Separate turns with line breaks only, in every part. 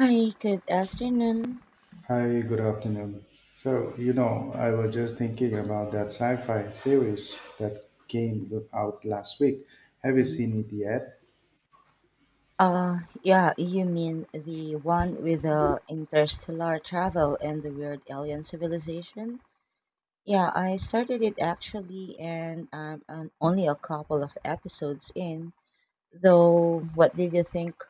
Hi, good afternoon.
Hi, good afternoon. So, you know, I was just thinking about that sci-fi series that came out last week. Have you
Mhm.
seen it yet?
Yeah, you mean the one with the interstellar travel and the weird alien civilization? Yeah, I started it actually, and I'm only a couple of episodes in. Though, what did you think?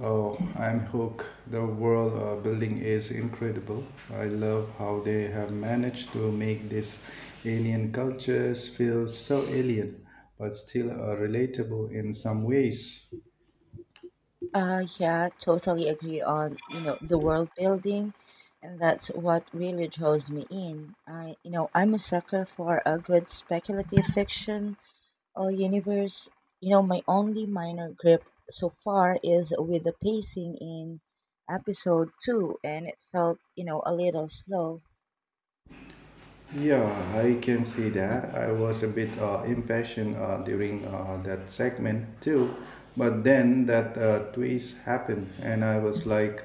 Oh, I'm hooked. The world building is incredible. I love how they have managed to make these alien cultures feel so alien, but still relatable in some ways.
Yeah, totally agree on the world building, and that's what really draws me in. I'm a sucker for a good speculative fiction universe. My only minor grip so far is with the pacing in episode two, and it felt a little slow.
Yeah, I can see that. I was a bit impatient during that segment too, but then that twist happened, and I was like,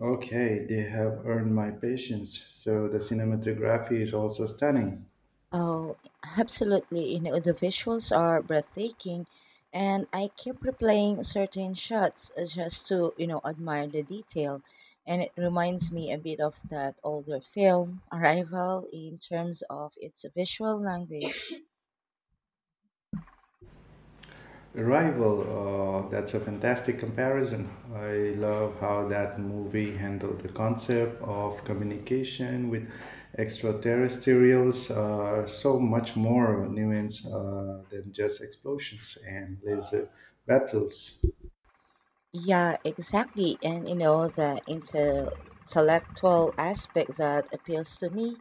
okay, they have earned my patience. So the cinematography is also stunning.
Oh, absolutely. The visuals are breathtaking, and I kept replaying certain shots just to, admire the detail. And it reminds me a bit of that older film, Arrival, in terms of its visual language.
Arrival, that's a fantastic comparison. I love how that movie handled the concept of communication with extraterrestrials, so much more nuance than just explosions and laser battles.
Yeah, exactly. And the intellectual aspect that appeals to me,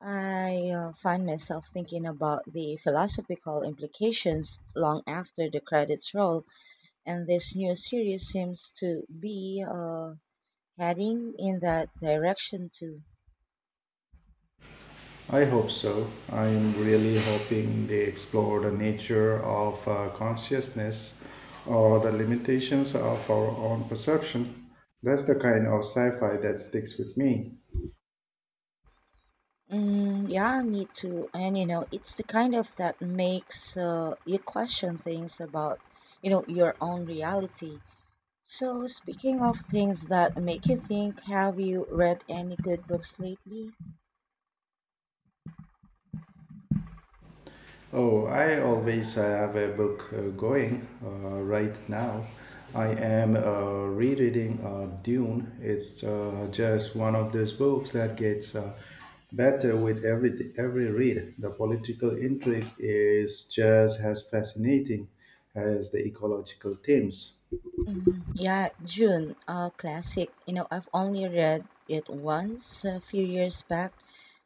I find myself thinking about the philosophical implications long after the credits roll. And this new series seems to be heading in that direction too.
I hope so. I'm really hoping they explore the nature of consciousness or the limitations of our own perception. That's the kind of sci fi that sticks with me.
Mm, yeah, me too. And it's the kind of that makes you question things about, your own reality. So, speaking of things that make you think, have you read any good books lately?
Oh, I always have a book going right now. I am rereading Dune. It's just one of those books that gets better with every read. The political intrigue is just as fascinating as the ecological themes.
Mm, yeah, June, a classic. I've only read it once a few years back,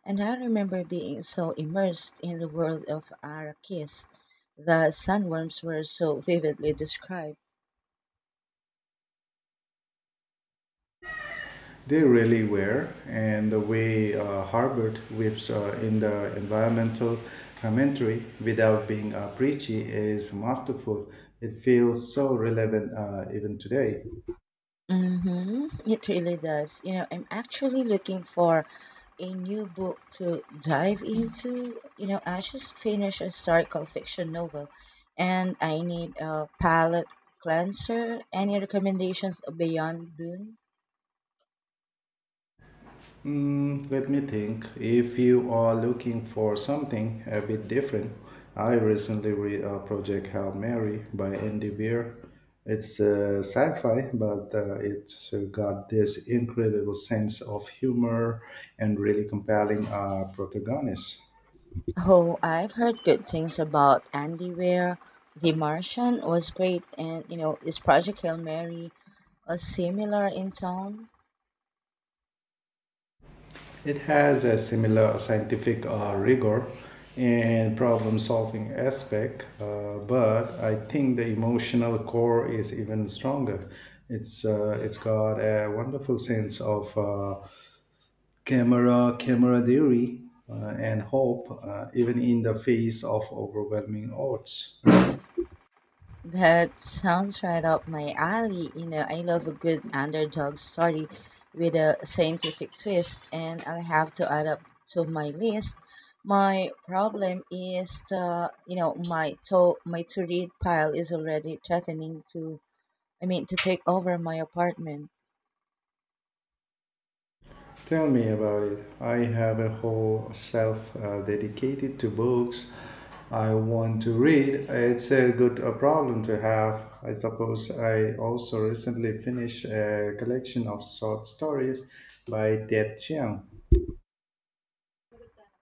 and I remember being so immersed in the world of Arrakis. The sandworms were so vividly described.
They really were, and the way Harbert weaves in the environmental commentary without being preachy is masterful. It feels so relevant even today.
Mm-hmm. It really does. I'm actually looking for a new book to dive into. I just finished a historical fiction novel and I need a palate cleanser. Any recommendations beyond Dune?
Mm, let me think. If you are looking for something a bit different, I recently read a project Hail Mary by Andy Weir. It's sci-fi, but it's got this incredible sense of humor and really compelling protagonist.
Oh, I've heard good things about Andy Weir. The Martian was great and is Project Hail Mary similar in tone?
It has a similar scientific rigor and problem solving aspect, but I think the emotional core is even stronger. It's got a wonderful sense of camera camaraderie and hope, even in the face of overwhelming odds.
That sounds right up my alley. I love a good underdog story with a scientific twist, and I'll have to add up to my list. My problem is my to read pile is already threatening to, I mean, to take over my apartment.
Tell me about it. I have a whole shelf dedicated to books I want to read. It's a good problem to have. I suppose I also recently finished a collection of short stories by Ted Chiang.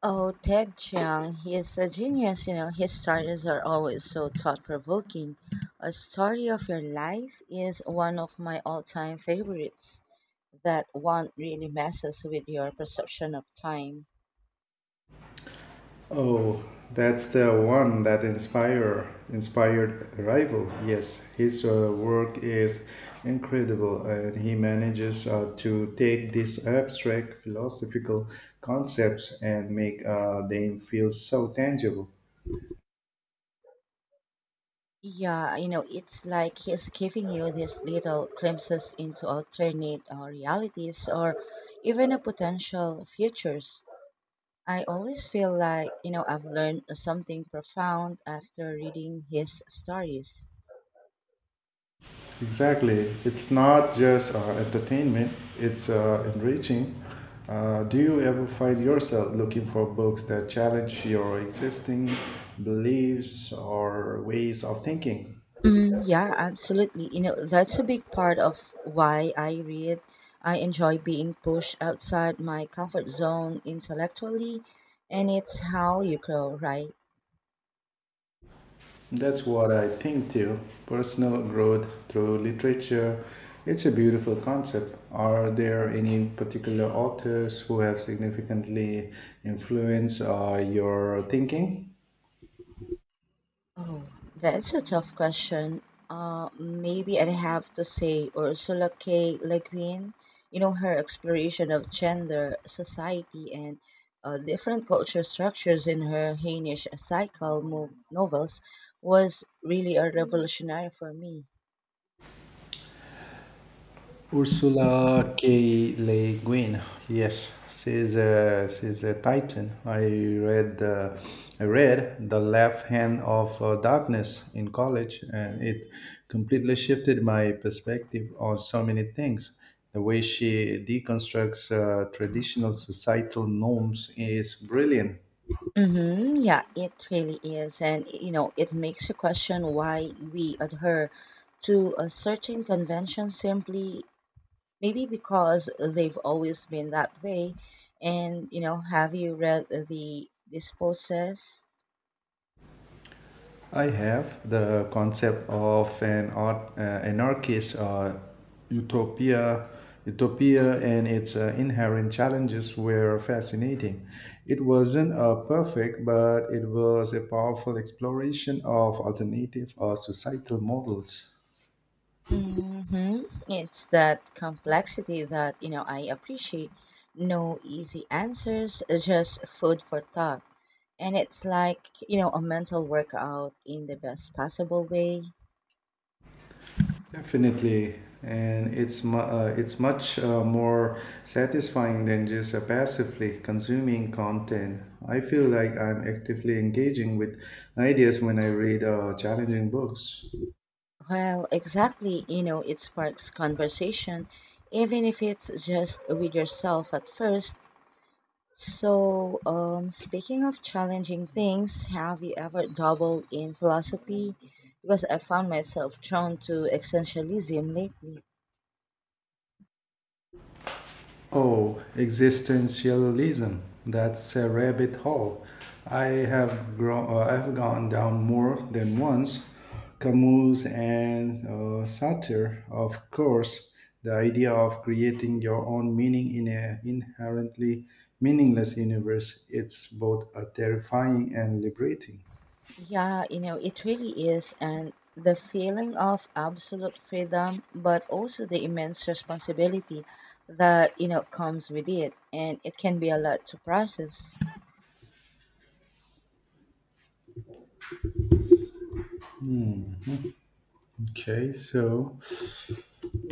Oh, Ted Chiang, he is a genius. His stories are always so thought provoking. A story of your life is one of my all time favorites. That one really messes with your perception of time.
Oh, that's the one that inspired Arrival. Yes, his work is incredible, and he manages to take these abstract philosophical concepts and make them feel so tangible.
Yeah, it's like he's giving you these little glimpses into alternate realities or even a potential futures. I always feel like I've learned something profound after reading his stories.
Exactly, it's not just entertainment; it's enriching. Do you ever find yourself looking for books that challenge your existing beliefs or ways of thinking?
Mm, yeah, absolutely. That's a big part of why I read. I enjoy being pushed outside my comfort zone intellectually, and it's how you grow, right?
That's what I think too. Personal growth through literature. It's a beautiful concept. Are there any particular authors who have significantly influenced your thinking?
Oh, that's a tough question. Maybe I'd have to say Ursula K. Le Guin. Her exploration of gender, society, and different culture structures in her Hainish cycle novels was really a revolutionary for me.
Ursula K. Le Guin, yes, she's a titan. I read The Left Hand of Darkness in college, and it completely shifted my perspective on so many things. The way she deconstructs traditional societal norms is brilliant.
Mm-hmm. Yeah, it really is. And it makes you question why we adhere to a certain convention simply maybe because they've always been that way. And have you read the Dispossessed?
I have the concept of an art, anarchist utopia, utopia, and its inherent challenges were fascinating. It wasn't perfect, but it was a powerful exploration of alternative or societal models.
Mm-hmm. It's that complexity that I appreciate. No easy answers, just food for thought. And it's like a mental workout in the best possible way.
Definitely, and it's much more satisfying than just passively consuming content. I feel like I'm actively engaging with ideas when I read challenging books.
Well, exactly. It sparks conversation, even if it's just with yourself at first. So, speaking of challenging things, have you ever doubled in philosophy? Because I found myself drawn to existentialism lately.
Oh, existentialism. That's a rabbit hole. I've gone down more than once. Camus and Sartre, of course. The idea of creating your own meaning in an inherently meaningless universe. It's both terrifying and liberating.
Yeah, it really is. And the feeling of absolute freedom, but also the immense responsibility that comes with it. And it can be a lot to process.
Okay, so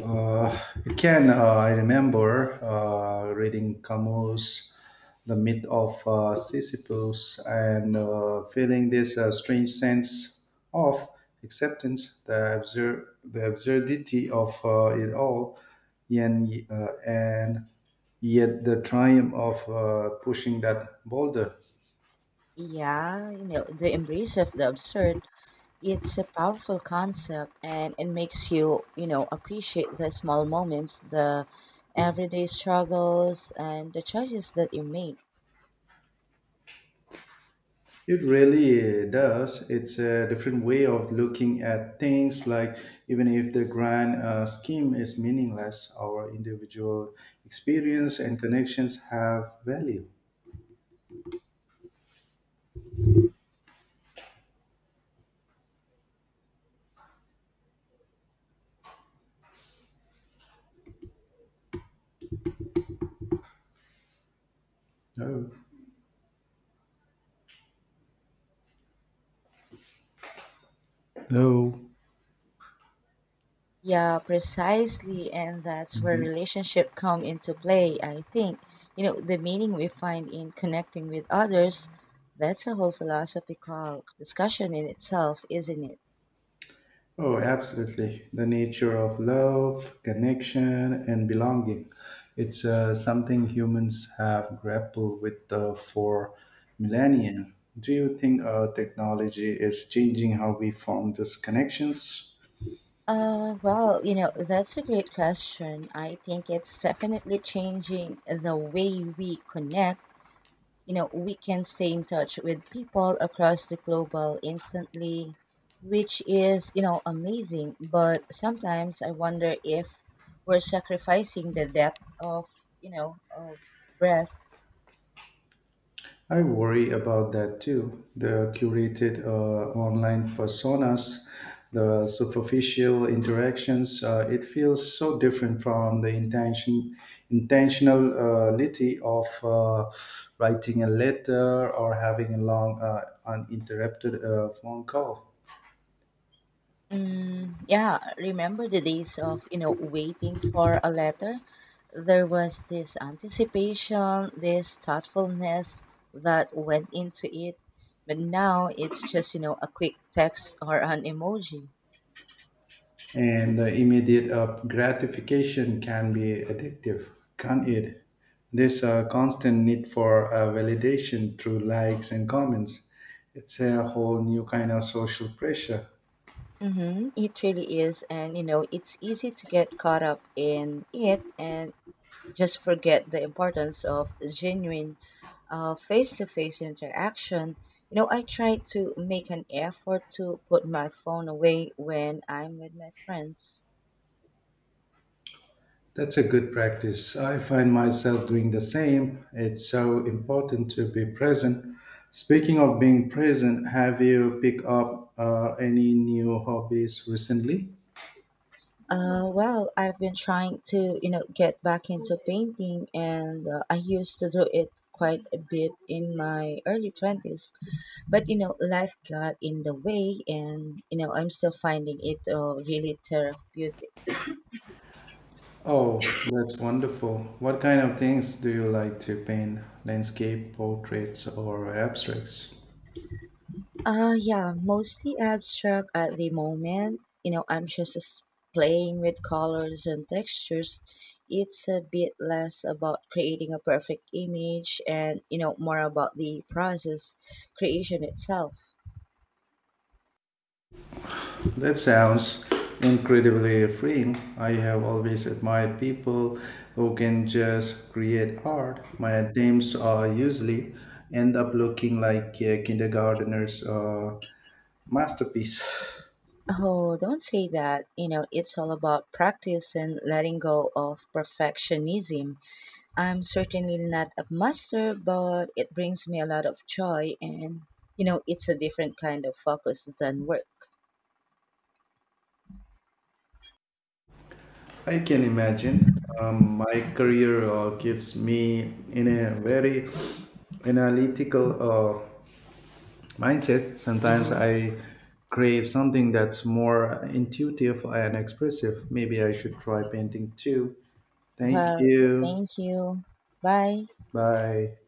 Uh, it can. I remember reading Camus' The Myth of Sisyphus and feeling this strange sense of acceptance, the absurdity of it all, and yet the triumph of pushing that boulder.
Yeah, the embrace of the absurd, it's a powerful concept and it makes you appreciate the small moments, the everyday struggles and the choices that you make.
It really does. It's a different way of looking at things, like even if the grand scheme is meaningless, our individual experience and connections have value. Oh. Oh.
Yeah, precisely, and that's where
Mhm.
relationship come into play, I think. The meaning we find in connecting with others, that's a whole philosophical discussion in itself, isn't it?
Oh, absolutely. The nature of love, connection, and belonging. It's something humans have grappled with for millennia. Do you think technology is changing how we form those connections?
Well, that's a great question. I think it's definitely changing the way we connect. We can stay in touch with people across the global instantly, which is amazing. But sometimes I wonder if we're sacrificing the depth of breath.
I worry about that too. The curated online personas, the superficial interactions, it feels so different from intentionality of writing a letter or having a long, uninterrupted phone call.
Mm, yeah, remember the days of waiting for a letter? There was this anticipation, this thoughtfulness that went into it. But now it's just a quick text or an emoji.
And the immediate up gratification can be addictive, can't it? This a constant need for validation through likes and comments. It's a whole new kind of social pressure.
Mm-hmm, it really is. And it's easy to get caught up in it and just forget the importance of genuine face-to-face interaction. I try to make an effort to put my phone away when I'm with my friends.
That's a good practice. I find myself doing the same. It's so important to be present. Speaking of being present, have you picked up any new hobbies recently?
Well, I've been trying to get back into painting and I used to do it quite a bit in my early 20s, but life got in the way, and I'm still finding it really therapeutic.
Oh, that's wonderful. What kind of things do you like to paint? Landscape, portraits, or abstracts?
Yeah, mostly abstract at the moment. I'm just playing with colors and textures. It's a bit less about creating a perfect image and more about the process, creation itself.
That sounds incredibly freeing. I have always admired people who can just create art. My attempts are usually end up looking like a kindergartner's masterpiece.
Oh, don't say that. It's all about practice and letting go of perfectionism. I'm certainly not a master, but it brings me a lot of joy, and it's a different kind of focus than work.
I can imagine. My career keeps me in a very analytical mindset. Sometimes
Mhm.
I crave something that's more intuitive and expressive. Maybe I should try painting too. Thank
Well,
you.
thank you. Bye.
Bye.